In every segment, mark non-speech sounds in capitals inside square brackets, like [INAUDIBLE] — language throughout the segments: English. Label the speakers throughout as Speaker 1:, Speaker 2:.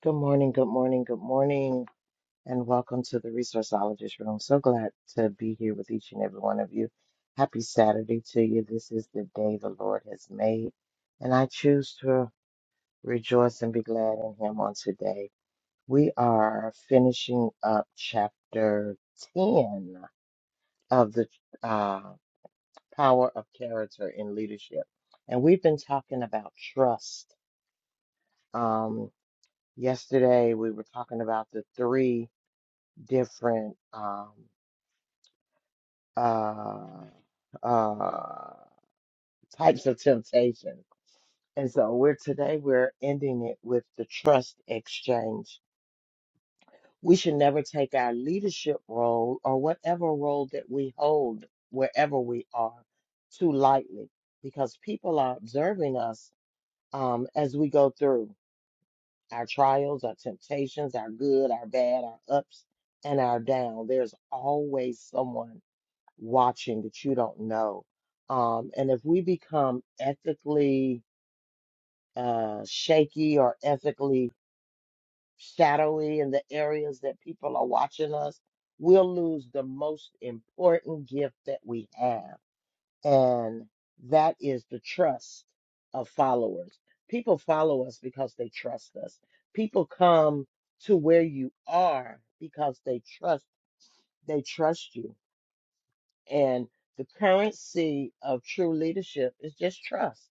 Speaker 1: Good morning, good morning, good morning, and welcome to the Resourceologist Room. So glad to be here with each and every one of you. Happy Saturday to you. This is the day the Lord has made, and I choose to rejoice and be glad in Him on today. We are finishing up chapter 10 of the uh, Power of Character in Leadership, and we've been talking about trust. Um, yesterday, we were talking about the three. different um, uh, uh, types of temptation. And so we're today we're ending it with the trust exchange. We should never take our leadership role or whatever role that we hold wherever we are too lightly because people are observing us um, as we go through our trials, our temptations, our good, our bad, our ups and our down. There's always someone watching that you don't know. Um, and if we become ethically uh, shaky or ethically shadowy in the areas that people are watching us, we'll lose the most important gift that we have. And that is the trust of followers. People follow us because they trust us. People come to where you are because they trust they trust you And the currency of true leadership is just trust.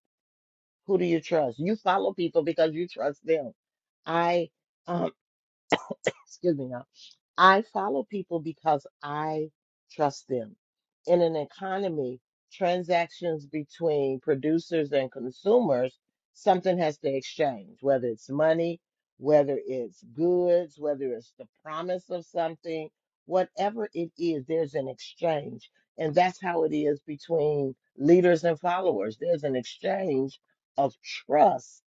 Speaker 1: Who do you trust? You follow people because you trust them. I [CLEARS THROAT] excuse me now. I follow people because I trust them. In an economy, transactions between producers and consumers, something has to exchange, whether it's money, whether it's goods, whether it's the promise of something, whatever it is, there's an exchange. And that's how it is between leaders and followers. There's an exchange of trust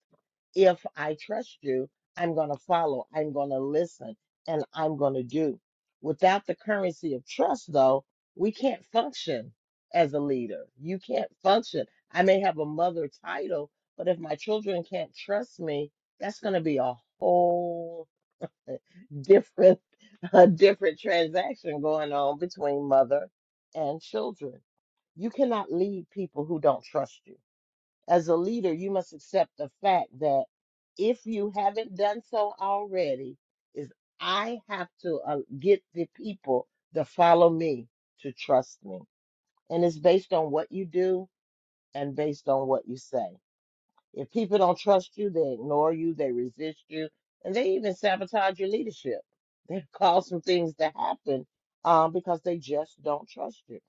Speaker 1: if I trust you, I'm going to follow, I'm going to listen, and I'm going to do. Without the currency of trust, though, we can't function as a leader. You can't function. I may have a mother title, but if my children can't trust me, that's going to be a whole [LAUGHS] different [LAUGHS] a different transaction going on between mother and children. You cannot lead people who don't trust you as a leader, you must accept the fact that if you haven't done so already, is I have to uh, get the people to follow me to trust me. And it's based on what you do and based on what you say. If people don't trust you, they ignore you, they resist you, and they even sabotage your leadership. They've caused [LAUGHS] some things to happen um, because they just don't trust you.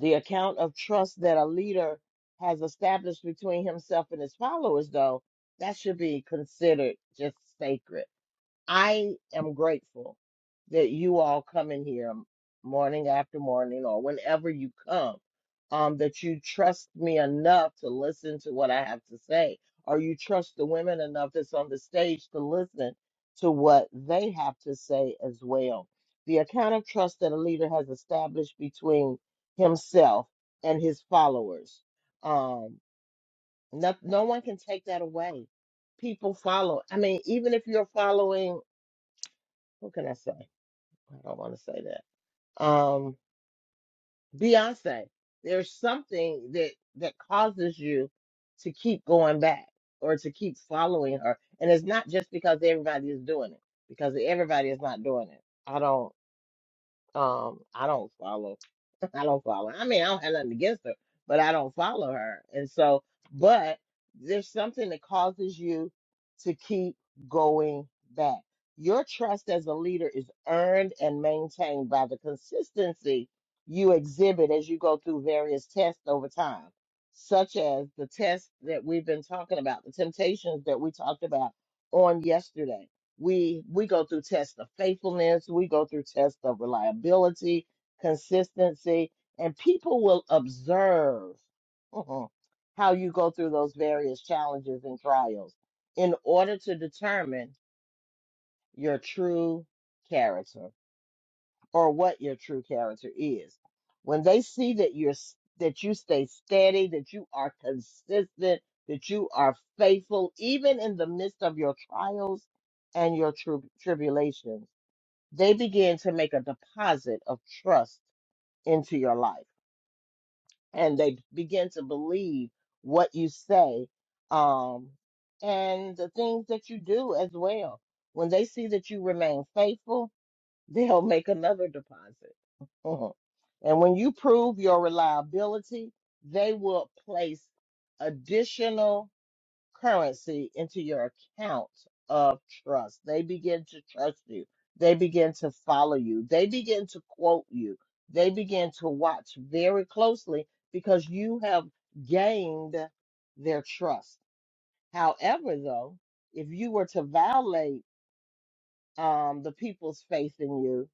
Speaker 1: The account of trust that a leader has established between himself and his followers, though, that should be considered just sacred. I am grateful that you all come in here m- morning after morning or whenever you come, um, that you trust me enough to listen to what I have to say, or you trust the women enough that's on the stage to listen to what they have to say as well. The account of trust that a leader has established between himself and his followers. Um, no, no one can take that away. People follow. I mean, even if you're following what can I say? I don't want to say that. Um, Beyonce, there's something that that causes you to keep going back or to keep following her, and it's not just because everybody is doing it, because everybody is not doing it. I don't. Um, I don't follow. [LAUGHS] I don't follow. I mean, I don't have nothing against her, but I don't follow her. And so, but there's something that causes you to keep going back. Your trust as a leader is earned and maintained by the consistency you exhibit as you go through various tests over time, such as the tests that we've been talking about, the temptations that we talked about on yesterday we we go through tests of faithfulness we go through tests of reliability consistency and people will observe mhm, how you go through those various challenges and trials in order to determine your true character or what your true character is when they see that you're s- that you stay steady that you are consistent that you are faithful even in the midst of your trials and your tri- tribulations they begin to make a deposit of trust into your life and they begin to believe what you say um, and the things that you do as well. When they see that you remain faithful, [LAUGHS] they'll make another deposit. [LAUGHS] Mhm. And when you prove your reliability, they will place additional currency into your account of trust. They begin to trust you. They begin to follow you. They begin to quote you. They begin to watch very closely because you have gained their trust. However, though, if you were to violate um, the people's faith in you.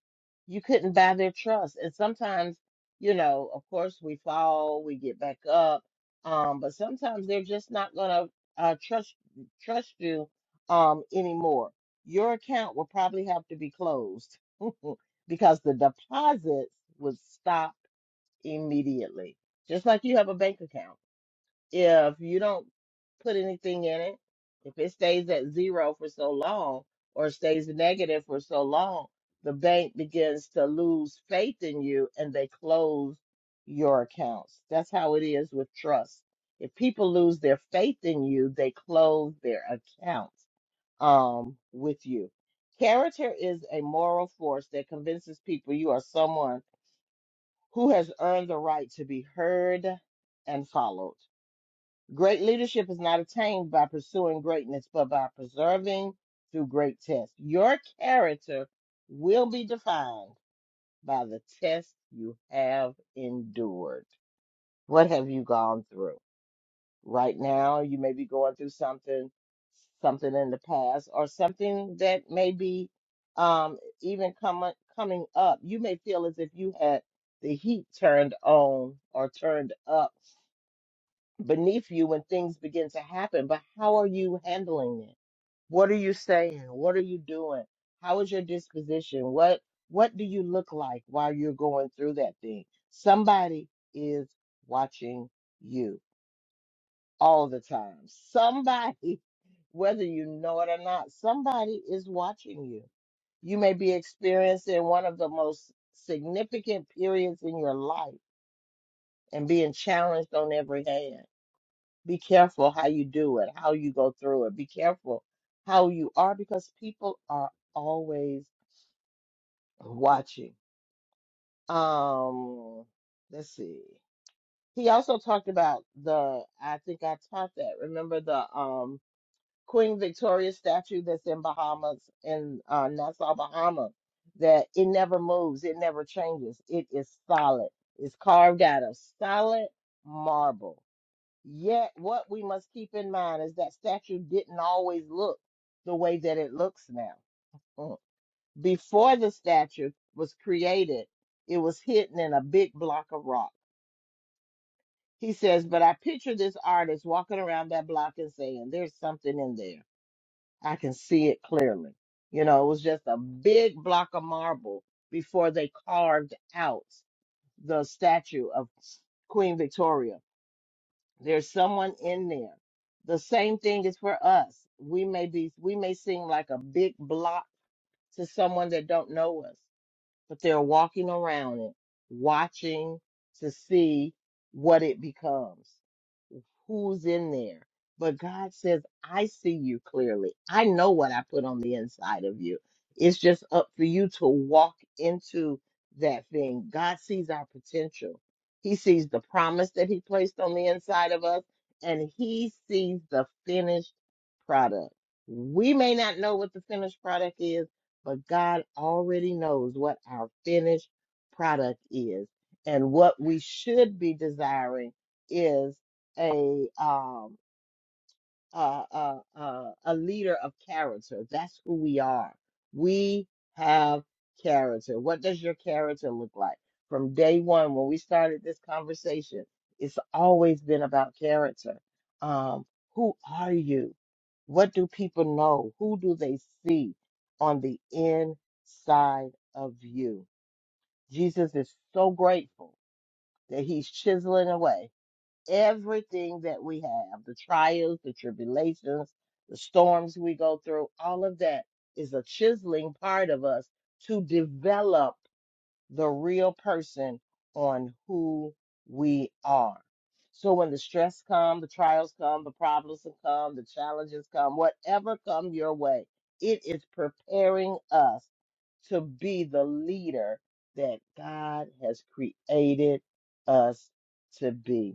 Speaker 1: You couldn't buy their trust. And sometimes, you know, of course, we fall, we get back up, um, but sometimes they're just not gonna uh, trust trust you um, anymore. Your account will probably have to be closed [LAUGHS] because the deposits would stop immediately, just like you have a bank account if you don't put anything in it, if it stays at zero for so long or stays negative for so long, the bank begins to lose faith in you and they close your accounts. That's how it is with trust. If people lose their faith in you, they close their accounts um, with you. Character is a moral force that convinces people you are someone who has earned the right to be heard and followed. Great leadership is not attained by pursuing greatness, but by preserving through great tests. Your character will be defined by the test you have endured. What have you gone through? Right now, you may be going through something, something in the past, or something that may be um, even coming coming up. You may feel as if you had the heat turned on or turned up beneath you when things begin to happen, but how are you handling it? What are you saying? What are you doing? How is your disposition? What what do you look like while you're going through that thing? Somebody is watching you all the time. Somebody, [LAUGHS] whether you know it or not, somebody is watching you. You may be experiencing one of the most significant periods in your life and being challenged on every hand be careful how you do it, how you go through it. Be careful how you are because people are always watching. Um, let's see. He also talked about the, I think I taught that. Remember the um Queen Victoria statue that's in Bahamas, in uh, Nassau, Bahamas, that it never moves, it never changes. It is solid. It's carved out of solid marble Yet, what we must keep in mind is that statue didn't always look the way that it looks now. Mm. Before the statue was created, it was hidden in a big block of rock. He says, But I picture this artist walking around that block and saying, There's something in there. I can see it clearly. You know, it was just a big block of marble before they carved out the statue of Queen Victoria There's someone in there. The same thing is for us. We may be we may seem like a big block to someone that don't know us, but they're walking around it, watching to see what it becomes who's in there. But God says, I see you clearly. I know what I put on the inside of you. It's just up for you to walk into that thing. God sees our potential. He sees the promise that He placed on the inside of us, and He sees the finished product. We may not know what the finished product is, but God already knows what our finished product is. And what we should be desiring is a um a a a, a leader of character. That's who we are. We have character. What does your character look like? From day one, when we started this conversation, it's always been about character. Um, who are you? What do people know? Who do they see on the inside of you? Jesus is so grateful that he's chiseling away everything that we have, the trials, the tribulations, the storms we go through, all of that is a chiseling part of us to develop the real person on who we are. So when the stress come, the trials come, the problems come, the challenges come, whatever come your way, it is preparing us to be the leader that God has created us to be.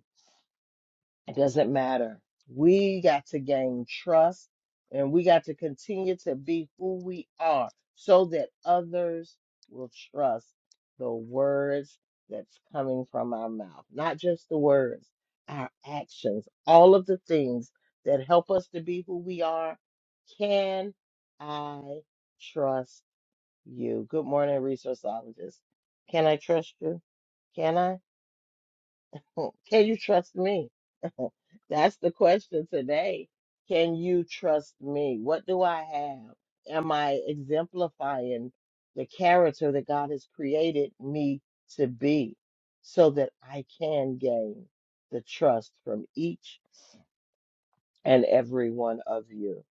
Speaker 1: It doesn't matter. We got to gain trust and we got to continue to be who we are so that others will trust the words that's coming from our mouth. Not just the words, our actions, all of the things that help us to be who we are. Can I trust you? Good morning, resourceologist. Can I trust you? Can I? [LAUGHS] Hmm. Can you trust me? [LAUGHS] That's the question today. Can you trust me? What do I have? Am I exemplifying the character that God has created me to be so that I can gain the trust from each and every one of you?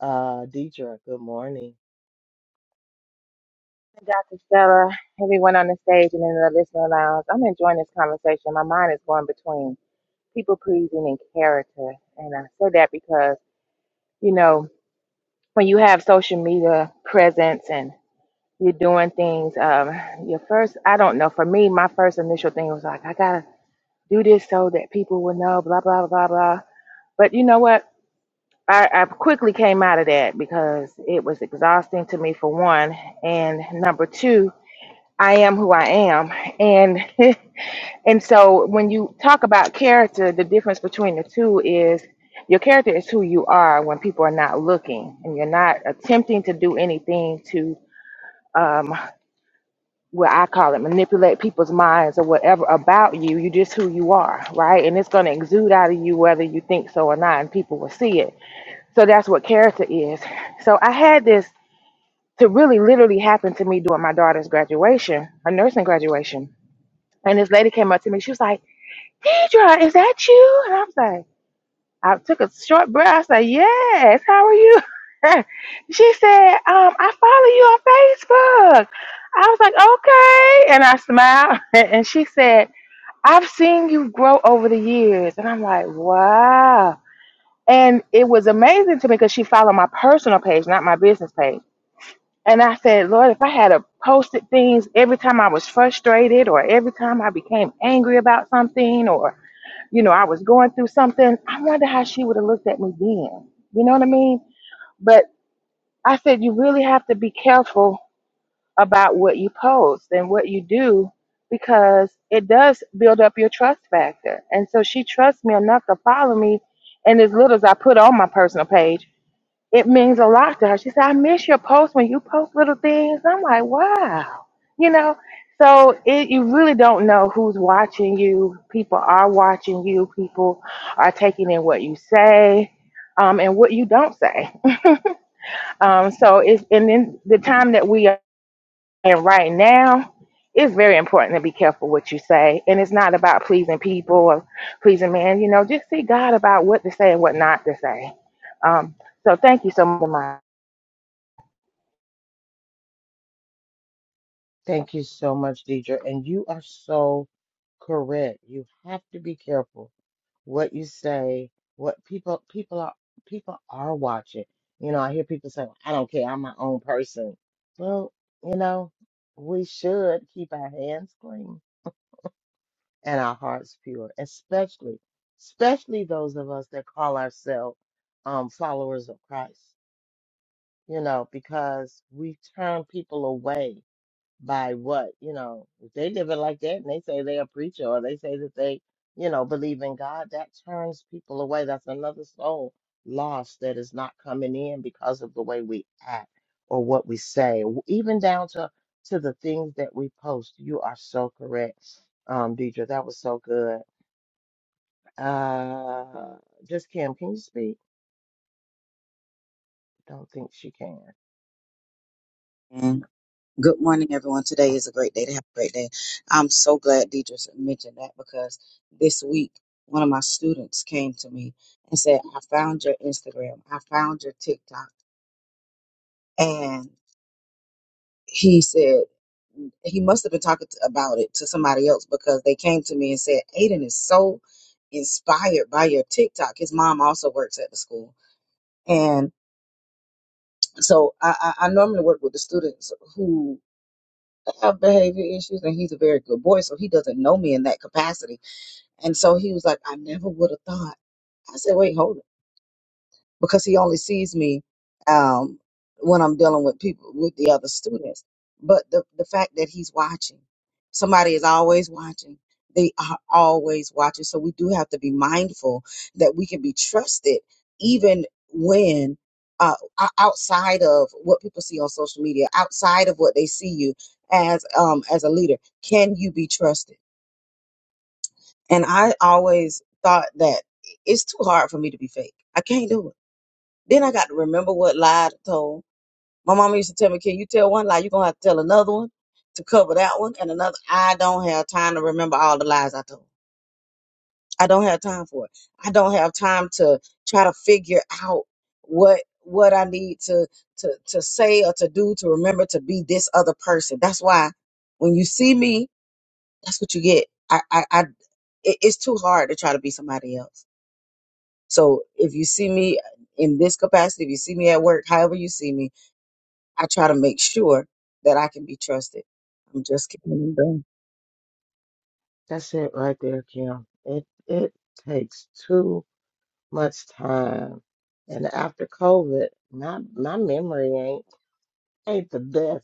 Speaker 1: Uh, Deidre, good morning.
Speaker 2: Dr. Stella, everyone on the stage and in the listening lounge. I'm enjoying this conversation. My mind is going between people pleasing and character. And I say that because, you know, when you have social media presence and you're doing things, um, your first, I don't know, for me, my first initial thing was like, I gotta do this so that people will know, blah, blah, blah, blah. But you know what? I, I quickly came out of that because it was exhausting to me for one. And number two, I am who I am. And [LAUGHS] and so when you talk about character, the difference between the two is your character is who you are when people are not looking and you're not attempting to do anything to um what I call it manipulate people's minds or whatever about you. You just who you are, right? And it's gonna exude out of you whether you think so or not, and people will see it. So that's what character is. So I had this to really literally happen to me during my daughter's graduation, her nursing graduation And this lady came up to me. She was like, Deidre, is that you? And I was like, I took a short breath. I was like, Yes, how are you? [LAUGHS] she said, um, I follow you on Facebook. I was like, Okay. And I smiled. [LAUGHS] and she said, I've seen you grow over the years. And I'm like, Wow. And it was amazing to me because she followed my personal page, not my business page. And I said, Lord, if I had a posted things every time I was frustrated or every time I became angry about something or, you know, I was going through something, I wonder how she would have looked at me then. You know what I mean? But I said, you really have to be careful about what you post and what you do because it does build up your trust factor. And so she trusts me enough to follow me. And as little as I put on my personal page, it means a lot to her. She said, I miss your posts when you post little things. I'm like, wow. You know, so it, you really don't know who's watching you. People are watching you, people are taking in what you say um, and what you don't say. Um, so it's, and then the time that we are in right now, it's very important to be careful what you say. And it's not about pleasing people or pleasing man. You know, just see God about what to say and what not to say. Um, so thank you so much.
Speaker 1: Thank you so much, Deidre. And you are so correct. You have to be careful what you say, what people people are people are watching. You know, I hear people say, "Well, I don't care, I'm my own person. Well, you know, we should keep our hands clean and our hearts pure, especially especially those of us that call ourselves um followers of Christ, you know, because we turn people away by what, you know, if they live it like that and they say they're a preacher or they say that they, you know, believe in God, that turns people away. That's another soul lost that is not coming in because of the way we act or what we say, w- even down to to the things that we post. You are so correct, um, Deidre. That was so good. Uh, just Kim, can you speak? Don't think she can.
Speaker 3: And good morning, everyone. Today
Speaker 1: Oh,
Speaker 3: is a great day to have a great day. I'm so glad Deidre mentioned that because this week one of my students came to me and said, I found your Instagram, I found your TikTok. And he said, he must have been talking to, about it to somebody else because they came to me and said, Aiden is so inspired by your TikTok. His mom also works at the school. And so I, I, I normally work with the students who I have behavior issues and he's a very good boy, so he doesn't know me in that capacity. And so he was like, I never would have thought. I said, wait, hold it because he only sees me um, when I'm dealing with people with the other students. But the the fact that he's watching, somebody is always watching. They are always watching. So we do have to be mindful that we can be trusted even when. Uh, o- outside of what people see on social media, outside of what they see you as um, as a leader, can you be trusted? And I always thought that it's too hard for me to be fake. I can't do it. Then I got to remember what lie I told. My mama used to tell me, "Can you tell one lie? You're gonna have to tell another one to cover that one and another." I don't have time to remember all the lies I told. I don't have time for it. I don't have time to try to figure out what what I need to to to say or to do to remember to be this other person. That's why when you see me, that's what you get. I I, I it, it's too hard to try to be somebody else. So if you see me in this capacity, if you see me at work, however you see me I try to make sure that I can be trusted. I'm just kidding.
Speaker 1: that's it right there, Kim. It it takes too much time And after COVID, my my memory ain't ain't the best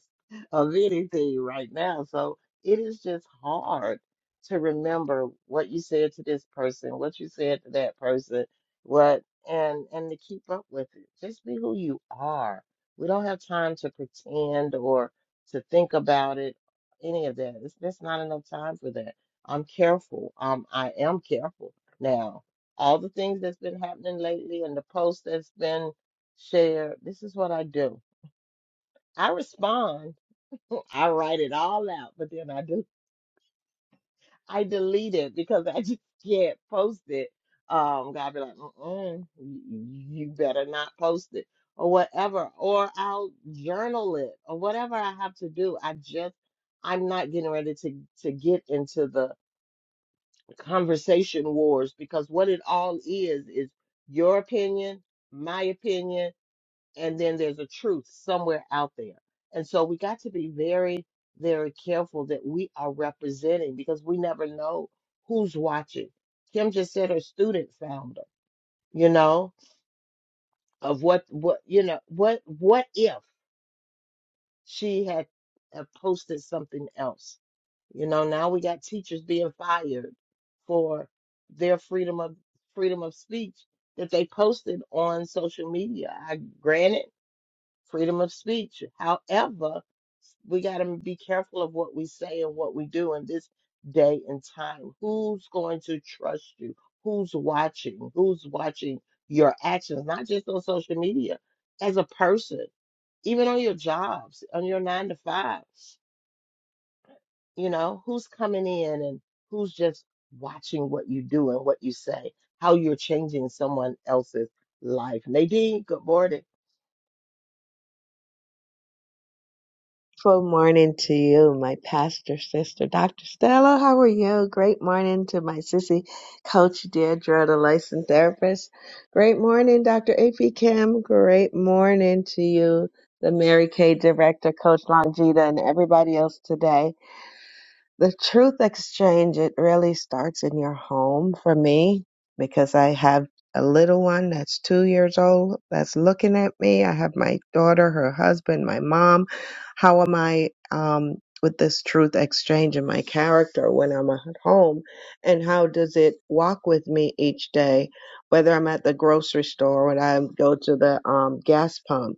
Speaker 1: of anything right now. So it is just hard to remember what you said to this person, what you said to that person, what and and to keep up with it. Just be who you are. We don't have time to pretend or to think about it, any of that. It's just not enough time for that. I'm careful. Um, I am careful now. All the things that's been happening lately and the posts that's been shared, this is what I do. I respond. I write it all out, but then I do I delete it because I [LAUGHS] just can't post it. Um, God be like, mm you better not post it or whatever, or I'll journal it or whatever I have to do. I just I'm not getting ready to to get into the conversation wars because what it all is is your opinion, my opinion and then there's a truth somewhere out there. And so we got to be very, very careful that we are representing because we never know who's watching. Kim just said her student found her, you know, of what, what, you know, what, what if she had uh, posted something else? You know, now we got teachers being fired for their freedom of freedom of speech that they posted on social media. I granted freedom of speech. However, we got to be careful of what we say and what we do in this day and time. Who's going to trust you? Who's watching? Who's watching your actions, not just on social media, as a person, even on your jobs, on your nine to fives? You know, who's coming in and who's just watching what you do and what you say, how you're changing someone else's life? Nadine, good morning.
Speaker 4: Wonderful morning to you, my pastor sister, Dr. Stella. How are you? Great morning to my sissy coach, Deirdre, the licensed therapist. Great morning, Dr. AP Kim. Great morning to you, the Mary Kay director, Coach Longita, and everybody else today. The truth exchange, it really starts in your home for me because I have a little one that's two years old that's looking at me. I have my daughter, her husband, my mom. How am I um, with this truth exchange in my character when I'm at home? And how does it walk with me each day, whether I'm at the grocery store, when I go to the um, gas pump?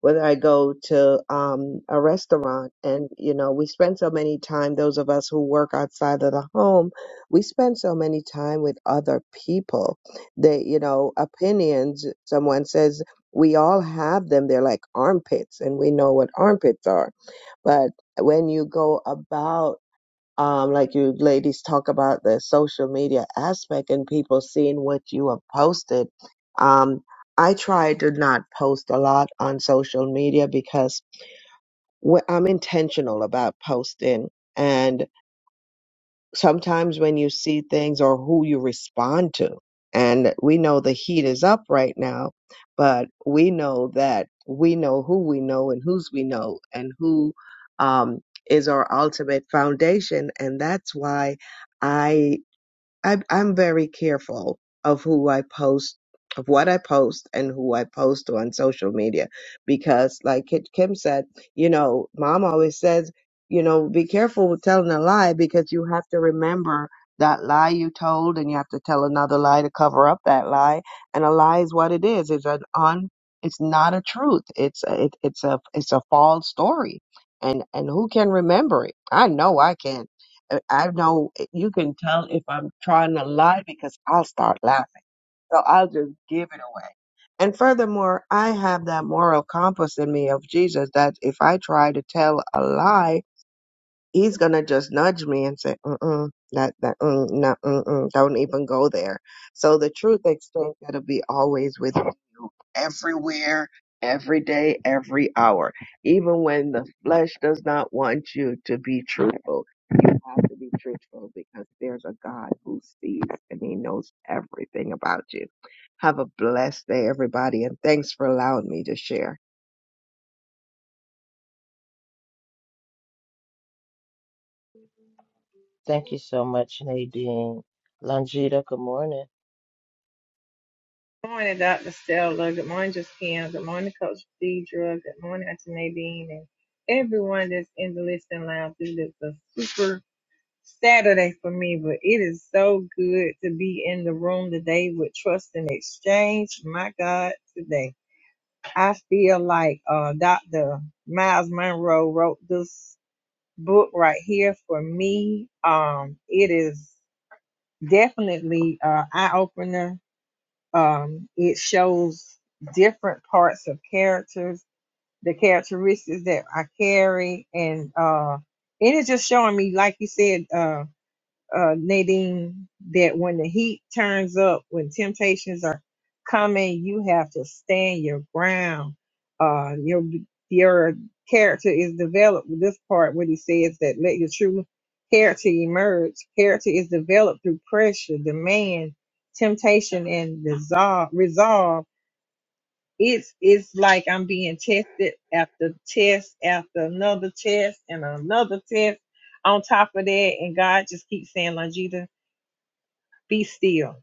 Speaker 4: whether I go to um, a restaurant. And, you know, we spend so many time, those of us who work outside of the home, we spend so many time with other people. They, you know, opinions, someone says, we all have them. They're like armpits, and we know what armpits are. But when you go about um, like you ladies talk about the social media aspect and people seeing what you have posted. Um, I try to not post a lot on social media because wh- I'm intentional about posting. And sometimes when you see things or who you respond to. And we know the heat is up right now, but we know that we know who we know and whose we know and who um, is our ultimate foundation. And that's why I. I, I'm very careful of who I post, of what I post, and who I post on social media, because, like Kit- Kim said, you know, Mom always says, you know, be careful with telling a lie because you have to remember that lie you told, and you have to tell another lie to cover up that lie. And a lie is what it is. It's an un. It's not a truth. It's a, it, it's a it's a false story. And and who can remember it? I know I can. I I know eh, you can tell if I'm trying to lie because I'll start laughing. So I'll just give it away. And furthermore, I have that moral compass in me of Jesus that if I try to tell a lie, he's going to just nudge me and say, mm-mm, that, that, mm, no, mm-mm, don't even go there. So the truth extent that'll be always with you everywhere, every day, every hour, even when the flesh does not want you to be truthful have to be truthful because there's a God who sees and he knows everything about you. Have a blessed day, everybody, and thanks for allowing me to share.
Speaker 1: Thank you so much, Nadine. Longita, good morning.
Speaker 5: morning, Dr. Stella. Good morning, Justine. Good morning, Coach Deidre. Good morning, Auntie Nadine. And everyone that's in the listening lounge. This is a super Saturday for me, but it is so good to be in the room today with Trust and Exchange. My God, today. I feel like uh, Dr. Miles Monroe wrote this book right here for me. Um, it is definitely uh, eye-opener um, it shows different parts of characters, the characteristics that I carry, and uh, and it's just showing me, like you said. uh, uh, Nadine, that when the heat turns up, when temptations are coming, you have to stand your ground. Uh, your your character is developed. with This part, what he says that let your true character emerge. Character is developed through pressure, demand, temptation, and dissolve, resolve. It's it's like I'm being tested after test after another test and another test on top of that, and God just keeps saying, Longita be still.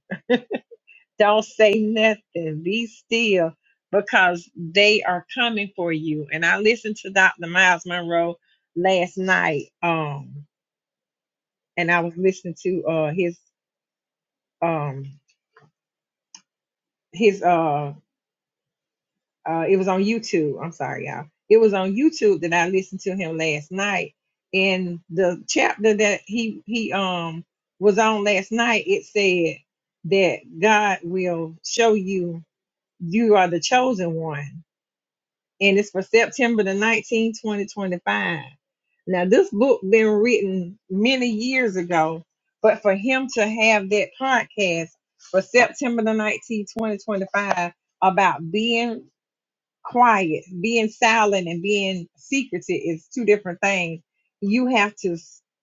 Speaker 5: Don't say nothing. Be still because they are coming for you. And I listened to Dr. Miles Monroe last night. Um, and I was listening to uh his um his uh uh it was on YouTube. I'm sorry, y'all. It was on YouTube that I listened to him last night. And the chapter that he he um was on last night, it said that God will show you you are the chosen one and it's for September the 19th, 2025. Now, this book been written many years ago, but for him to have that podcast for September the 19th, 2025 about being quiet, being silent, and being secretive is two different things. You have to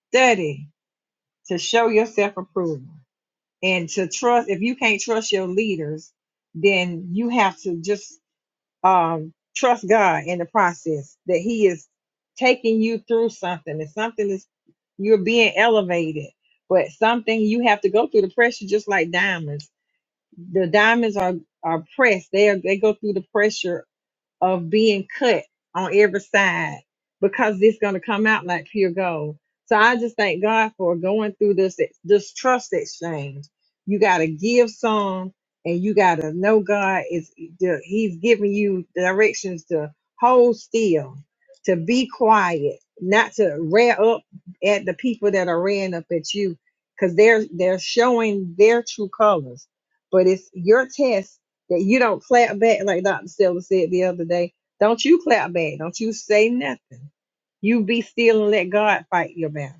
Speaker 5: study to show yourself approval and to trust. If you can't trust your leaders, then you have to just um, trust God in the process that He is taking you through something. If something is you're being elevated, but something you have to go through the pressure, just like diamonds. The diamonds are are pressed. They are, they go through the pressure of being cut on every side because it's going to come out like pure gold. So I just thank God for going through this this trust exchange. You got to give some, and you got to know God is the- He's giving you directions to hold still, to be quiet, not to rear up at the people that are rearing up at you, because they're they're showing their true colors. But it's your test that you don't clap back like Dr. Stella said the other day. Don't you clap back. Don't you say nothing. You be still and let God fight your battle.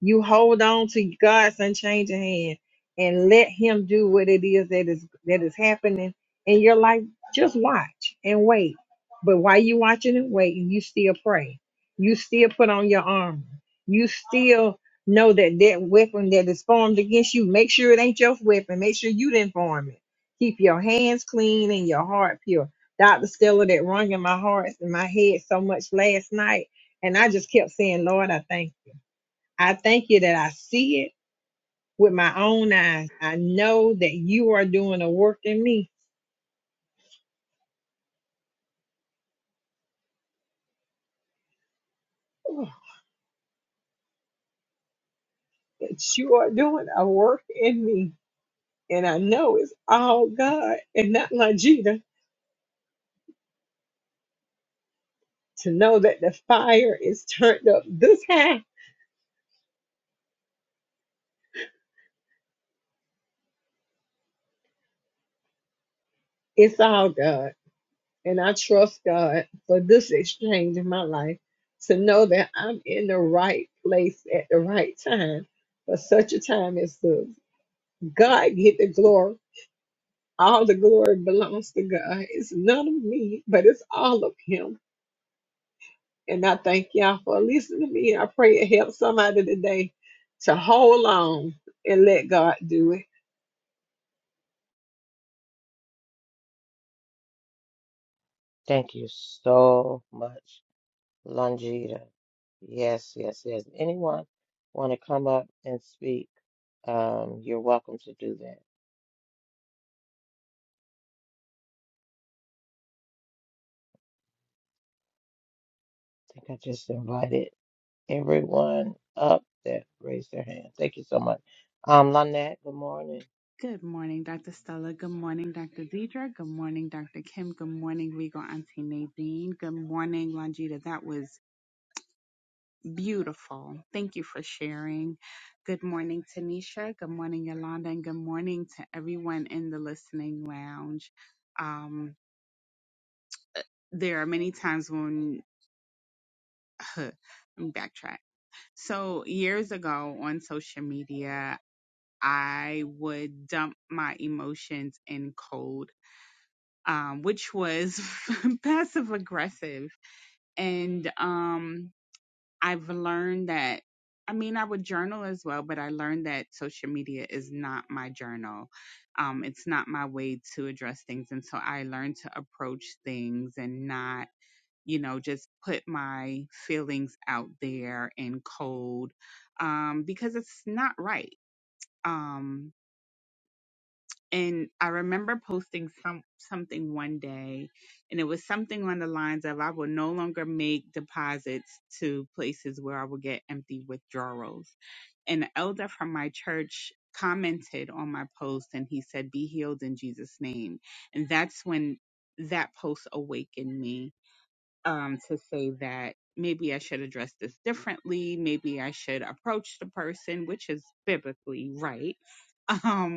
Speaker 5: You hold on to God's unchanging hand and let him do what it is that is that is happening in your life. Just watch and wait. But while you watching and waiting, you still pray. You still put on your armor. You still know that that weapon that is formed against you, make sure it ain't your weapon. Make sure you didn't form it Keep your hands clean and your heart pure. Dr. Stella, that rung in my heart and my head so much last night. And I just kept saying, Lord, I thank you. I thank you that I see it with my own eyes. I know that you are doing a work in me. Oh, That you are doing a work in me. And I know it's all God and not Longita to know that the fire is turned up this high. It's all God. And I trust God for this exchange in my life to know that I'm in the right place at the right time for such a time as this. God get the glory. All the glory belongs to God. It's none of me, but it's all of Him. And I thank y'all for listening to me. I pray it helps somebody today to hold on and let God do it.
Speaker 1: Thank you so much, Longita. Yes, yes, yes. Anyone want to come up and speak? Um, you're welcome to do that. I think I just invited everyone up that raised their hand. Thank you so much. Um, Lynette, good morning.
Speaker 6: Good morning, Dr. Stella. Good morning, Dr. Deidre. Good morning, Dr. Kim. Good morning, Regal Auntie Nadine. Good morning, Longita. That was beautiful. Thank you for sharing. Good morning, Tanisha. Good morning, Yolanda. And good morning to everyone in the listening lounge. Um, there are many times when [LAUGHS] let me backtrack. So years ago on social media, I would dump my emotions in cold um, which was [LAUGHS] passive aggressive. And um, I've learned that, I mean, I would journal as well, but I learned that social media is not my journal. Um, it's not my way to address things. And so I learned to approach things and not, you know, just put my feelings out there in cold um, because it's not right. Um, and I remember posting some something one day, and it was something on the lines of I will no longer make deposits to places where I will get empty withdrawals. And the elder from my church commented on my post and he said, Be healed in Jesus' name. And that's when that post awakened me um, to say that maybe I should address this differently. Maybe I should approach the person, which is biblically right. [LAUGHS]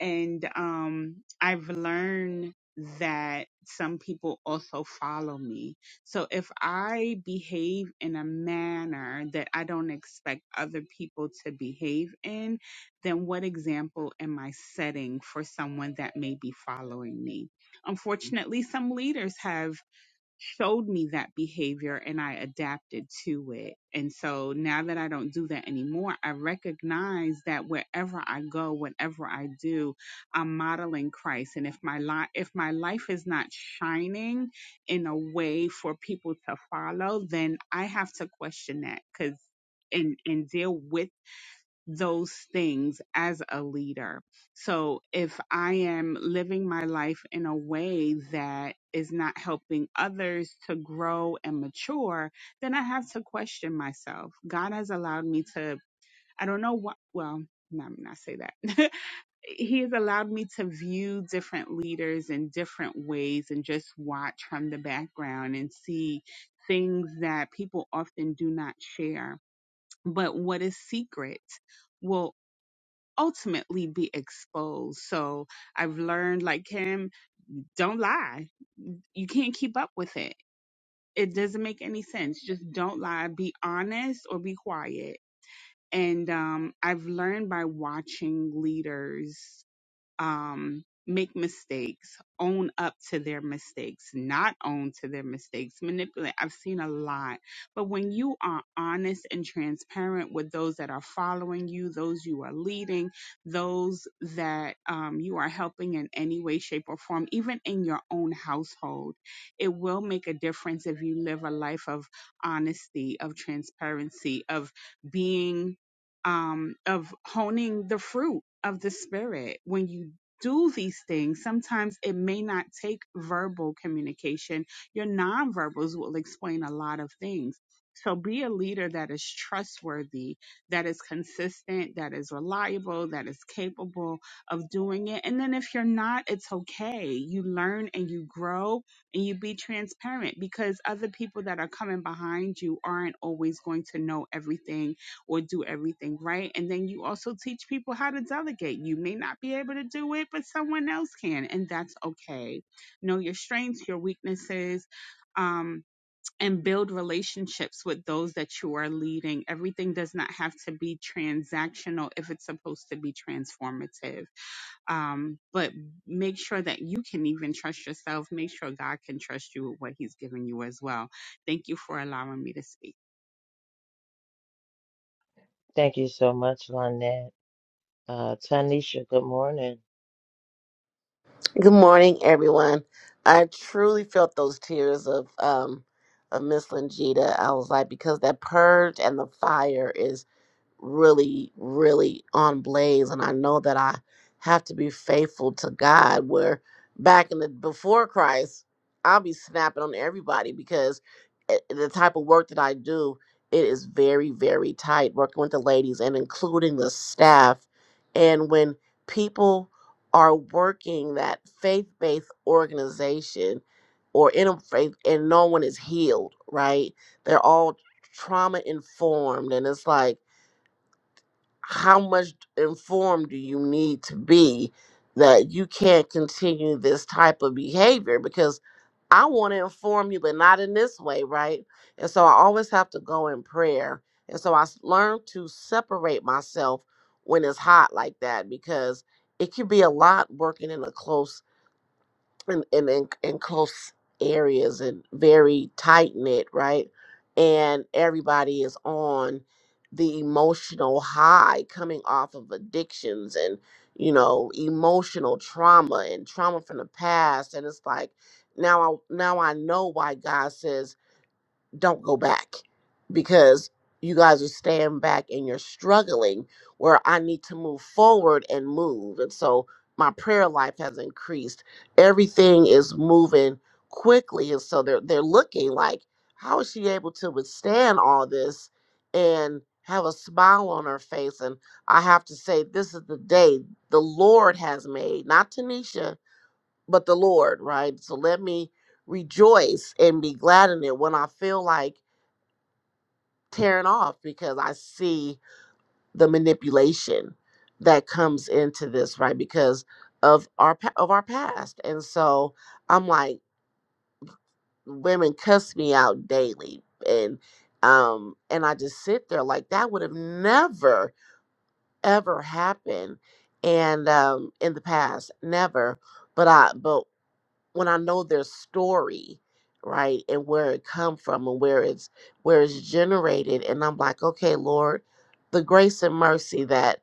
Speaker 6: and um I've learned that some people also follow me. So if I behave in a manner that I don't expect other people to behave in, then what example am I setting for someone that may be following me? Unfortunately, some leaders have showed me that behavior and I adapted to it. And so now that I don't do that anymore, I recognize that wherever I go, whatever I do, I'm modeling Christ. And if my life if my life is not shining in a way for people to follow, then I have to question that cuz and and deal with those things as a leader. So if I am living my life in a way that is not helping others to grow and mature, then I have to question myself. God has allowed me to, I don't know what, well, no, I'm not say that. [LAUGHS] he has allowed me to view different leaders in different ways and just watch from the background and see things that people often do not share. But what is secret? Well, ultimately be exposed. So I've learned, like Kim, don't lie. You can't keep up with it. It doesn't make any sense. Just don't lie. Be honest or be quiet. And um, I've learned by watching leaders um, make mistakes, own up to their mistakes, not own to their mistakes, manipulate. I've seen a lot. But when you are honest and transparent with those that are following you, those you are leading, those that um, you are helping in any way, shape, or form, even in your own household, it will make a difference if you live a life of honesty, of transparency, of being um, of honing the fruit of the spirit. When you do these things, sometimes it may not take verbal communication. Your nonverbals will explain a lot of things. So be a leader that is trustworthy, that is consistent, that is reliable, that is capable of doing it. And then if you're not, it's okay. You learn and you grow and you be transparent because other people that are coming behind you aren't always going to know everything or do everything right. And then you also teach people how to delegate. You may not be able to do it, but someone else can, and that's okay. Know your strengths, your weaknesses. Um, and build relationships with those that you are leading. Everything does not have to be transactional if it's supposed to be transformative um, but make sure that you can even trust yourself. Make sure God can trust you with what He's given you as well. Thank you for allowing me to speak.
Speaker 1: Thank you so much, Lynette. Uh, Tanisha, good morning.
Speaker 7: Good morning, everyone. I truly felt those tears of um of Miss Lingita. I was like, because that purge and the fire is really, really on blaze, and I know that I have to be faithful to God. Where back in the before Christ, I'll be snapping on everybody because eh, the type of work that I do, it is very, very tight working with the ladies and including the staff. And when people are working that faith-based organization or in a faith, and no one is healed, right? They're all trauma informed, and it's like how much informed do you need to be that you can't continue this type of behavior because I want to inform you, but not in this way, right? And so I always have to go in prayer. And so I s- learned to separate myself when it's hot like that because it could be a lot working in a close in in, in, in close areas and very tight knit, right? And everybody is on the emotional high coming off of addictions and you know emotional trauma and trauma from the past and it's like now I now I know why God says don't go back because you guys are staying back and you're struggling where I need to move forward and move. And so my prayer life has increased. Everything is moving quickly. And so they're they're looking like, how is she able to withstand all this and have a smile on her face? And I have to say, this is the day the Lord has made, not Tanisha, but the Lord, right? So let me rejoice and be glad in it when I feel like tearing off because I see the manipulation that comes into this, right? Because of our pa- of our past, and so I'm like, women cuss me out daily, and um, and I just sit there like that would have never ever happened, and um, in the past, never. But I but when I know their story, right, and where it come from and where it's where it's generated, and I'm like, okay, Lord, the grace and mercy that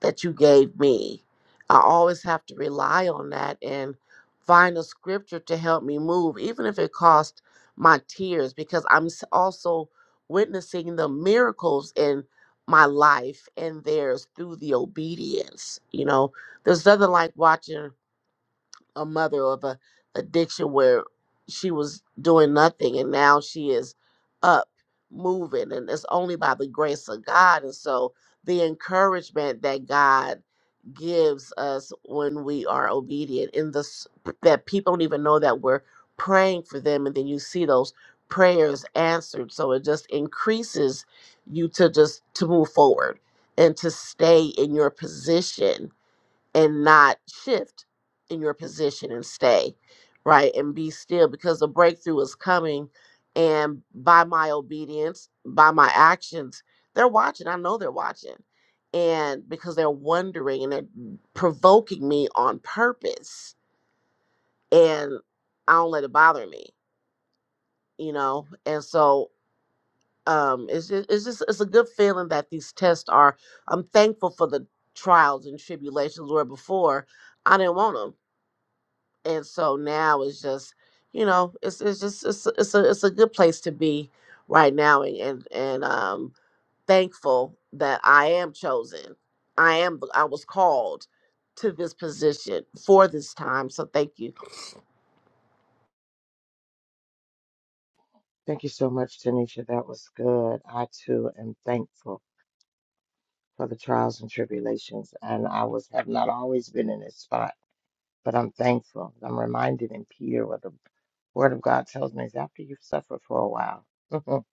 Speaker 7: that you gave me, I always have to rely on that and find a scripture to help me move, even if it cost my tears, because I'm s- also witnessing the miracles in my life and theirs through the obedience. You know, there's nothing like watching a mother of a addiction where she was doing nothing and now she is up moving and it's only by the grace of God and so the encouragement that God gives us when we are obedient in this that people don't even know that we're praying for them and then you see those prayers answered so it just increases you to just to move forward and to stay in your position and not shift in your position and stay right and be still because the breakthrough is coming and by my obedience by my actions they're watching i know they're watching and because they're wondering and they're provoking me on purpose and i don't let it bother me you know and so um it's just it's just it's a good feeling that these tests are i'm thankful for the trials and tribulations where before i didn't want 'em. and so now it's just you know it's it's just it's a- it's a it's a good place to be right now and and, and um thankful that I am chosen. I am I was called to this position for this time. So thank you
Speaker 1: Thank you so much, Tanisha. That was good. I too am thankful. for the trials and tribulations. And I was have not always been in this spot, but I'm thankful. I'm reminded in Peter what the Word of God tells me is after you've suffered for a while, [LAUGHS]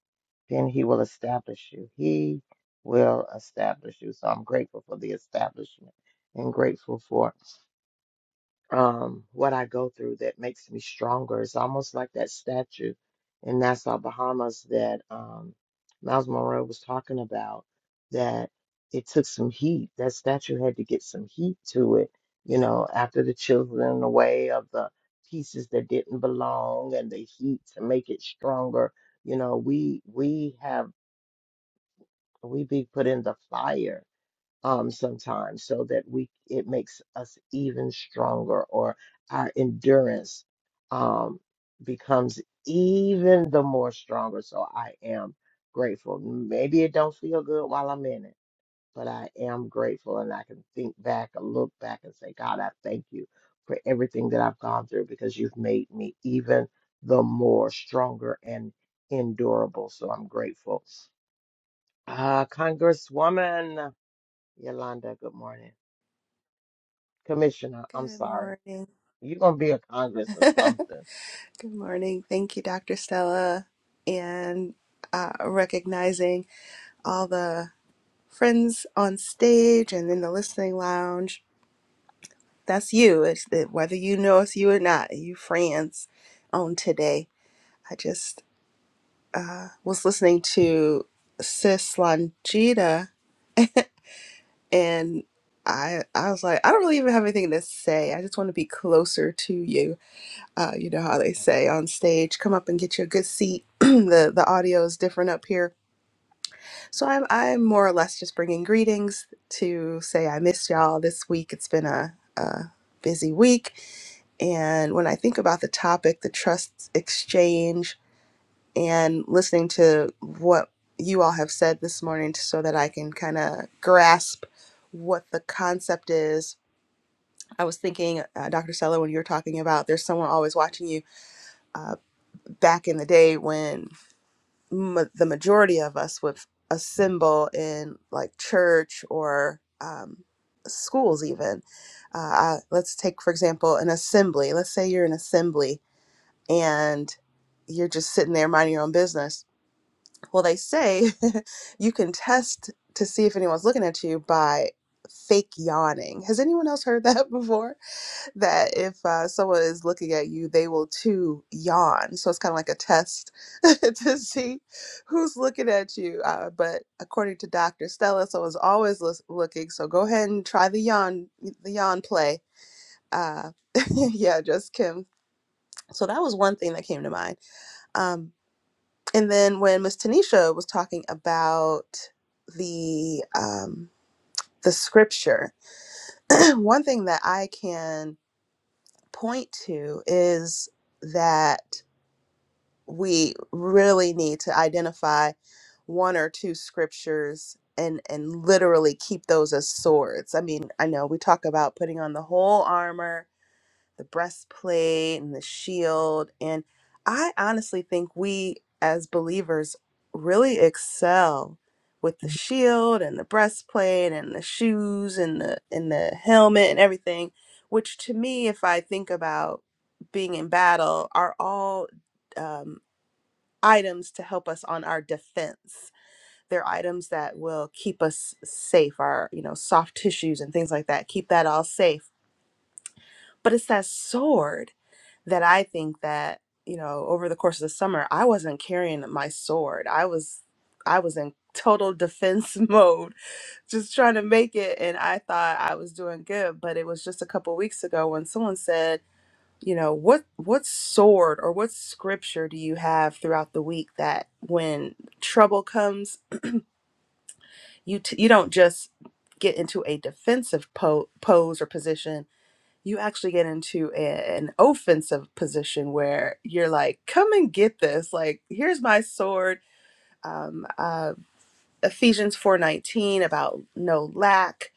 Speaker 1: then He will establish you. He will establish you. So I'm grateful for the establishment and grateful for um, what I go through that makes me stronger. It's almost like that statue in Nassau, Bahamas that um, Miles Monroe was talking about, that it took some heat. That statue had to get some heat to it, you know, after the chiseling away of the pieces that didn't belong and the heat to make it stronger. You know, we we have we be put in the fire um, sometimes so that we it makes us even stronger or our endurance um, becomes even the more stronger. So I am grateful. Maybe it don't feel good while I'm in it, but I am grateful and I can think back and look back and say, God, I thank you for everything that I've gone through because you've made me even the more stronger and endurable. So I'm grateful. Uh, Congresswoman Yolanda, good morning. Commissioner, I'm
Speaker 8: Good
Speaker 1: sorry.
Speaker 8: morning.
Speaker 1: You're going to be a Congress
Speaker 8: [LAUGHS]
Speaker 1: or
Speaker 8: Good
Speaker 1: something.
Speaker 8: morning. Thank you, Dr. Stella, and uh, recognizing all the friends on stage and in the listening lounge. That's you. It's that whether you know it's you or not, you friends on today. I just was listening to Sis Longita, and I I was like, I don't really even have anything to say. I just want to be closer to you uh, you know how they say on stage, come up and get you a good seat. [CLEARS THROAT] the the audio is different up here, so I'm I'm more or less just bringing greetings to say I missed y'all this week. It's been a, a busy week, and when I think about the topic, the trust exchange, and listening to what you all have said this morning, so that I can kind of grasp what the concept is. I was thinking, uh, Dr. Stella, when you were talking about there's someone always watching you Uh, back in the day when ma- the majority of us would assemble in like church or um, schools even uh, I- let's take for example an assembly let's say you're an assembly and you're just sitting there minding your own business well they say [LAUGHS] you can test to see if anyone's looking at you by fake yawning has anyone else heard that [LAUGHS] before that if uh, someone is looking at you, they will too yawn. So it's kind of like a test [LAUGHS] to see who's looking at you. Uh, but according to Dr. Stella, someone's always lis- looking. So go ahead and try the yawn, the yawn play. Uh, [LAUGHS] yeah, just Kim. So that was one thing that came to mind. Um, and then when Miss Tanisha was talking about the um, the scripture, [CLEARS THROAT] one thing that I can point to is that we really need to identify one or two scriptures and and literally keep those as swords. I mean, I know we talk about putting on the whole armor, the breastplate and the shield and I honestly think we as believers really excel with the shield and the breastplate and the shoes and the and the helmet and everything, which to me if I think about being in battle are all um, items to help us on our defense. They're items that will keep us safe, our, you know, soft tissues and things like that, keep that all safe. But it's that sword that I think that, you know, over the course of the summer, I wasn't carrying my sword. I was I was in total defense [LAUGHS] mode, just trying to make it and I thought I was doing good, but it was just a couple weeks ago when someone said you know what what sword or what scripture do you have throughout the week that when trouble comes you t- you don't just get into a defensive po- pose or position you actually get into a- an offensive position where you're like come and get this like here's my sword um, uh, Ephesians 4:19 about no lack.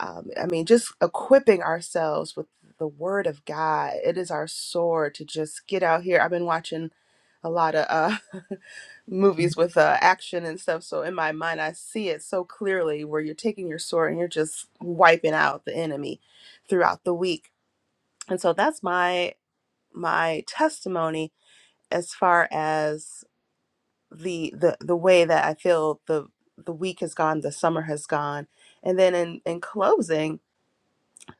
Speaker 8: Um, I mean, just equipping ourselves with the Word of God. It is our sword to just get out here. I've been watching a lot of uh, [LAUGHS] movies with uh, action and stuff, so in my mind, I see it so clearly where you're taking your sword and you're just wiping out the enemy throughout the week. And so that's my my testimony as far as the the the way that I feel the the week has gone, the summer has gone, and then in in closing,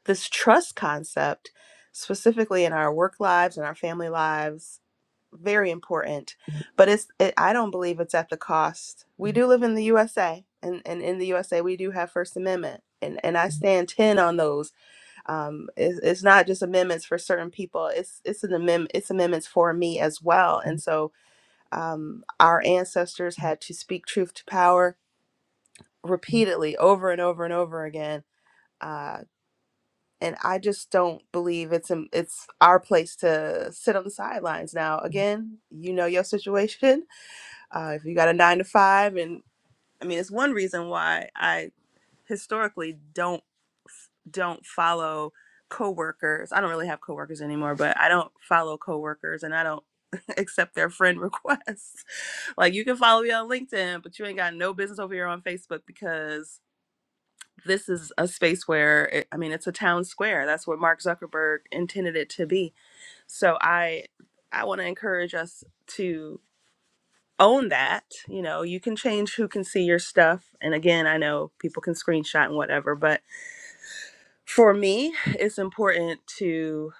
Speaker 8: this trust concept, specifically in our work lives and our family lives, very important. But it's it, I don't believe it's at the cost. We do live in the USA, and and in the USA we do have First Amendment. And, and I stand ten on those. Um, it's it's not just amendments for certain people. It's it's an amendment. It's amendments for me as well. And so, um, our ancestors had to speak truth to power repeatedly over and over and over again uh, and i just don't believe it's um, it's our place to sit on the sidelines now again you know your situation uh, if you got a nine to five and i mean it's one reason why I historically don't don't follow coworkers. I don't really have coworkers anymore, but I don't follow coworkers and I don't [LAUGHS] accept their friend requests. [LAUGHS] like you can follow me on LinkedIn, but you ain't got no business over here on Facebook because this is a space where it, I mean it's a town square. That's what Mark Zuckerberg intended it to be. So I I want to encourage us to own that. You know, you can change who can see your stuff. And again, I know people can screenshot and whatever, but for me, it's important to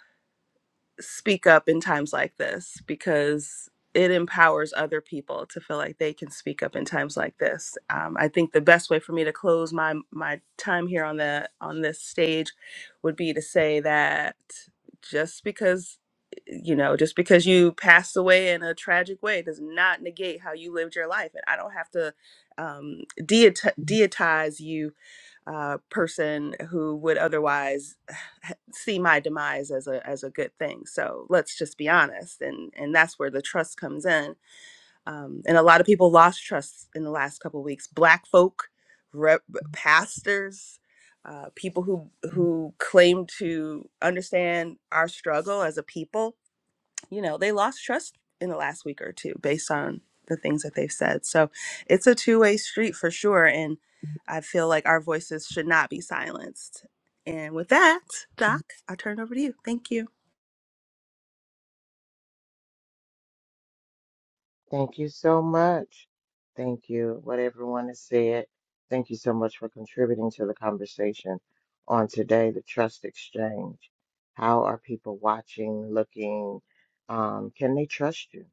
Speaker 8: speak up in times like this because it empowers other people to feel like they can speak up in times like this. Um, I think the best way for me to close my my time here on the on this stage would be to say that just because you know just because you passed away in a tragic way does not negate how you lived your life and i don't have to um, deati- deitize you uh, person who would otherwise [SIGHS] see my demise as a as a good thing. So let's just be honest, and and that's where the trust comes in. Um, and a lot of people lost trust in the last couple of weeks. Black folk, rep, pastors, uh, people who who claim to understand our struggle as a people you know, they lost trust in the last week or two based on the things that they've said. So it's a two way street for sure. And I feel like our voices should not be silenced. And with that, Doc, I'll turn it over to you. Thank you.
Speaker 1: Thank you so much. Thank you, what everyone has said. Thank you so much for contributing to the conversation on today, the trust exchange. How are people watching, looking? Um, can they trust you?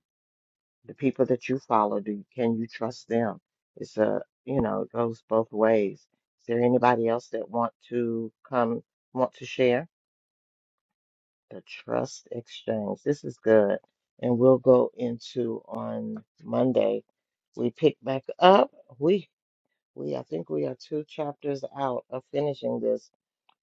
Speaker 1: The people that you follow, do can you trust them? It's a, you know, it goes both ways. Is there anybody else that want to come, want to share? The trust exchange. This is good. And we'll go into on Monday. We pick back up. We we I think we are two chapters out of finishing this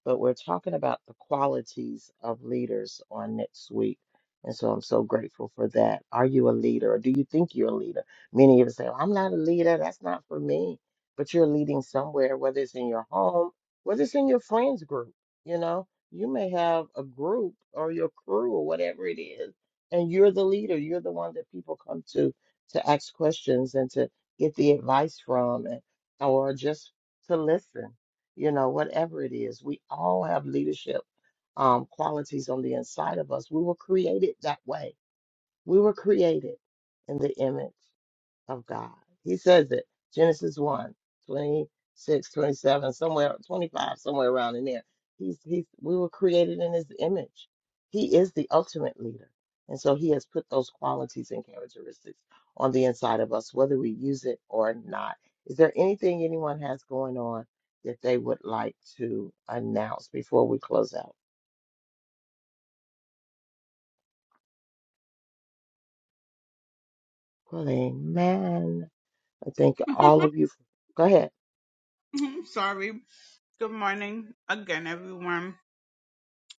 Speaker 1: but we're talking about the qualities of leaders on next week. And so I'm so grateful for that. Are you a leader or do you think you're a leader? Many of us say, "Well, I'm not a leader. That's not for me. But you're leading somewhere, whether it's in your home, whether it's in your friends group. You know, you may have a group or your crew or whatever it is, and you're the leader. You're the one that people come to to ask questions and to get the advice from and, or just to listen you know, whatever it is. We all have leadership um, qualities on the inside of us. We were created that way. We were created in the image of God. He says it, Genesis one twenty six, twenty seven, somewhere, 25, somewhere around in there. He's, he's, we were created in his image. He is the ultimate leader. And so he has put those qualities and characteristics on the inside of us, whether we use it or not. Is there anything anyone has going on that they would like to announce before we close out? Well, amen. I thank
Speaker 6: [LAUGHS]
Speaker 1: all of you. For, go ahead.
Speaker 6: Sorry, Good morning again, everyone.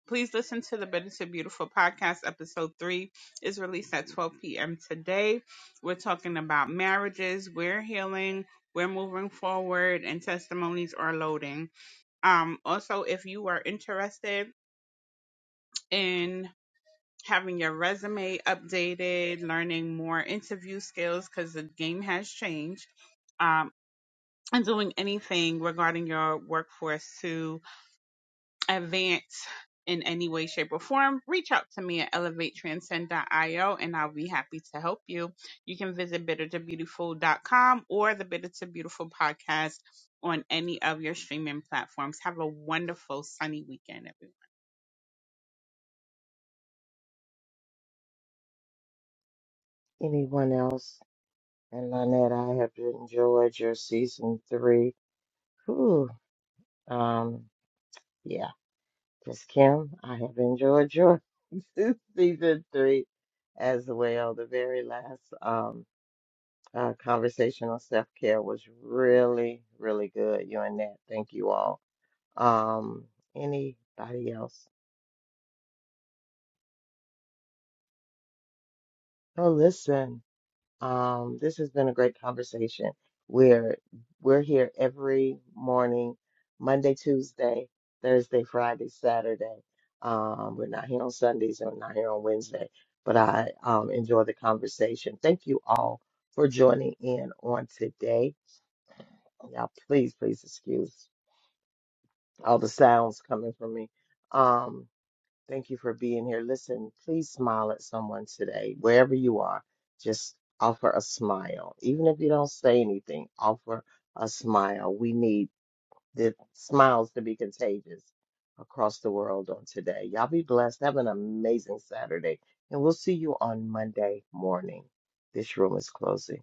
Speaker 6: Please listen to the Better to Beautiful podcast. Episode 3 is released at 12 p.m. today. We're talking about marriages, we're healing, we're moving forward, and testimonies are loading. Um, also, if you are interested in having your resume updated, learning more interview skills because the game has changed, um, and doing anything regarding your workforce to advance in any way, shape, or form, reach out to me at elevatetranscend.io and I'll be happy to help you. You can visit bittertobeautiful.com or the Bitter to Beautiful podcast on any of your streaming platforms. Have a wonderful sunny weekend, everyone.
Speaker 1: Anyone else? And Lynette, I have enjoyed your season three. Whew. Um, yeah, just Kim, I have enjoyed your [LAUGHS] season three as well. The very last um uh, conversational self-care was really, really good. You and Nat, thank you all. Um, anybody else? Oh, listen. Um, this has been a great conversation. We're we're here every morning, Monday, Tuesday, Thursday, Friday, Saturday. Um, we're not here on Sundays and we're not here on Wednesday, but I um, enjoy the conversation. Thank you all for joining in on today. Y'all, please, please excuse all the sounds coming from me. Um, Thank you for being here. Listen, please smile at someone today, wherever you are. Just offer a smile. Even if you don't say anything, offer a smile. We need the smiles to be contagious across the world on today. Y'all be blessed. Have an amazing Saturday. And we'll see you on Monday morning. This room is closing.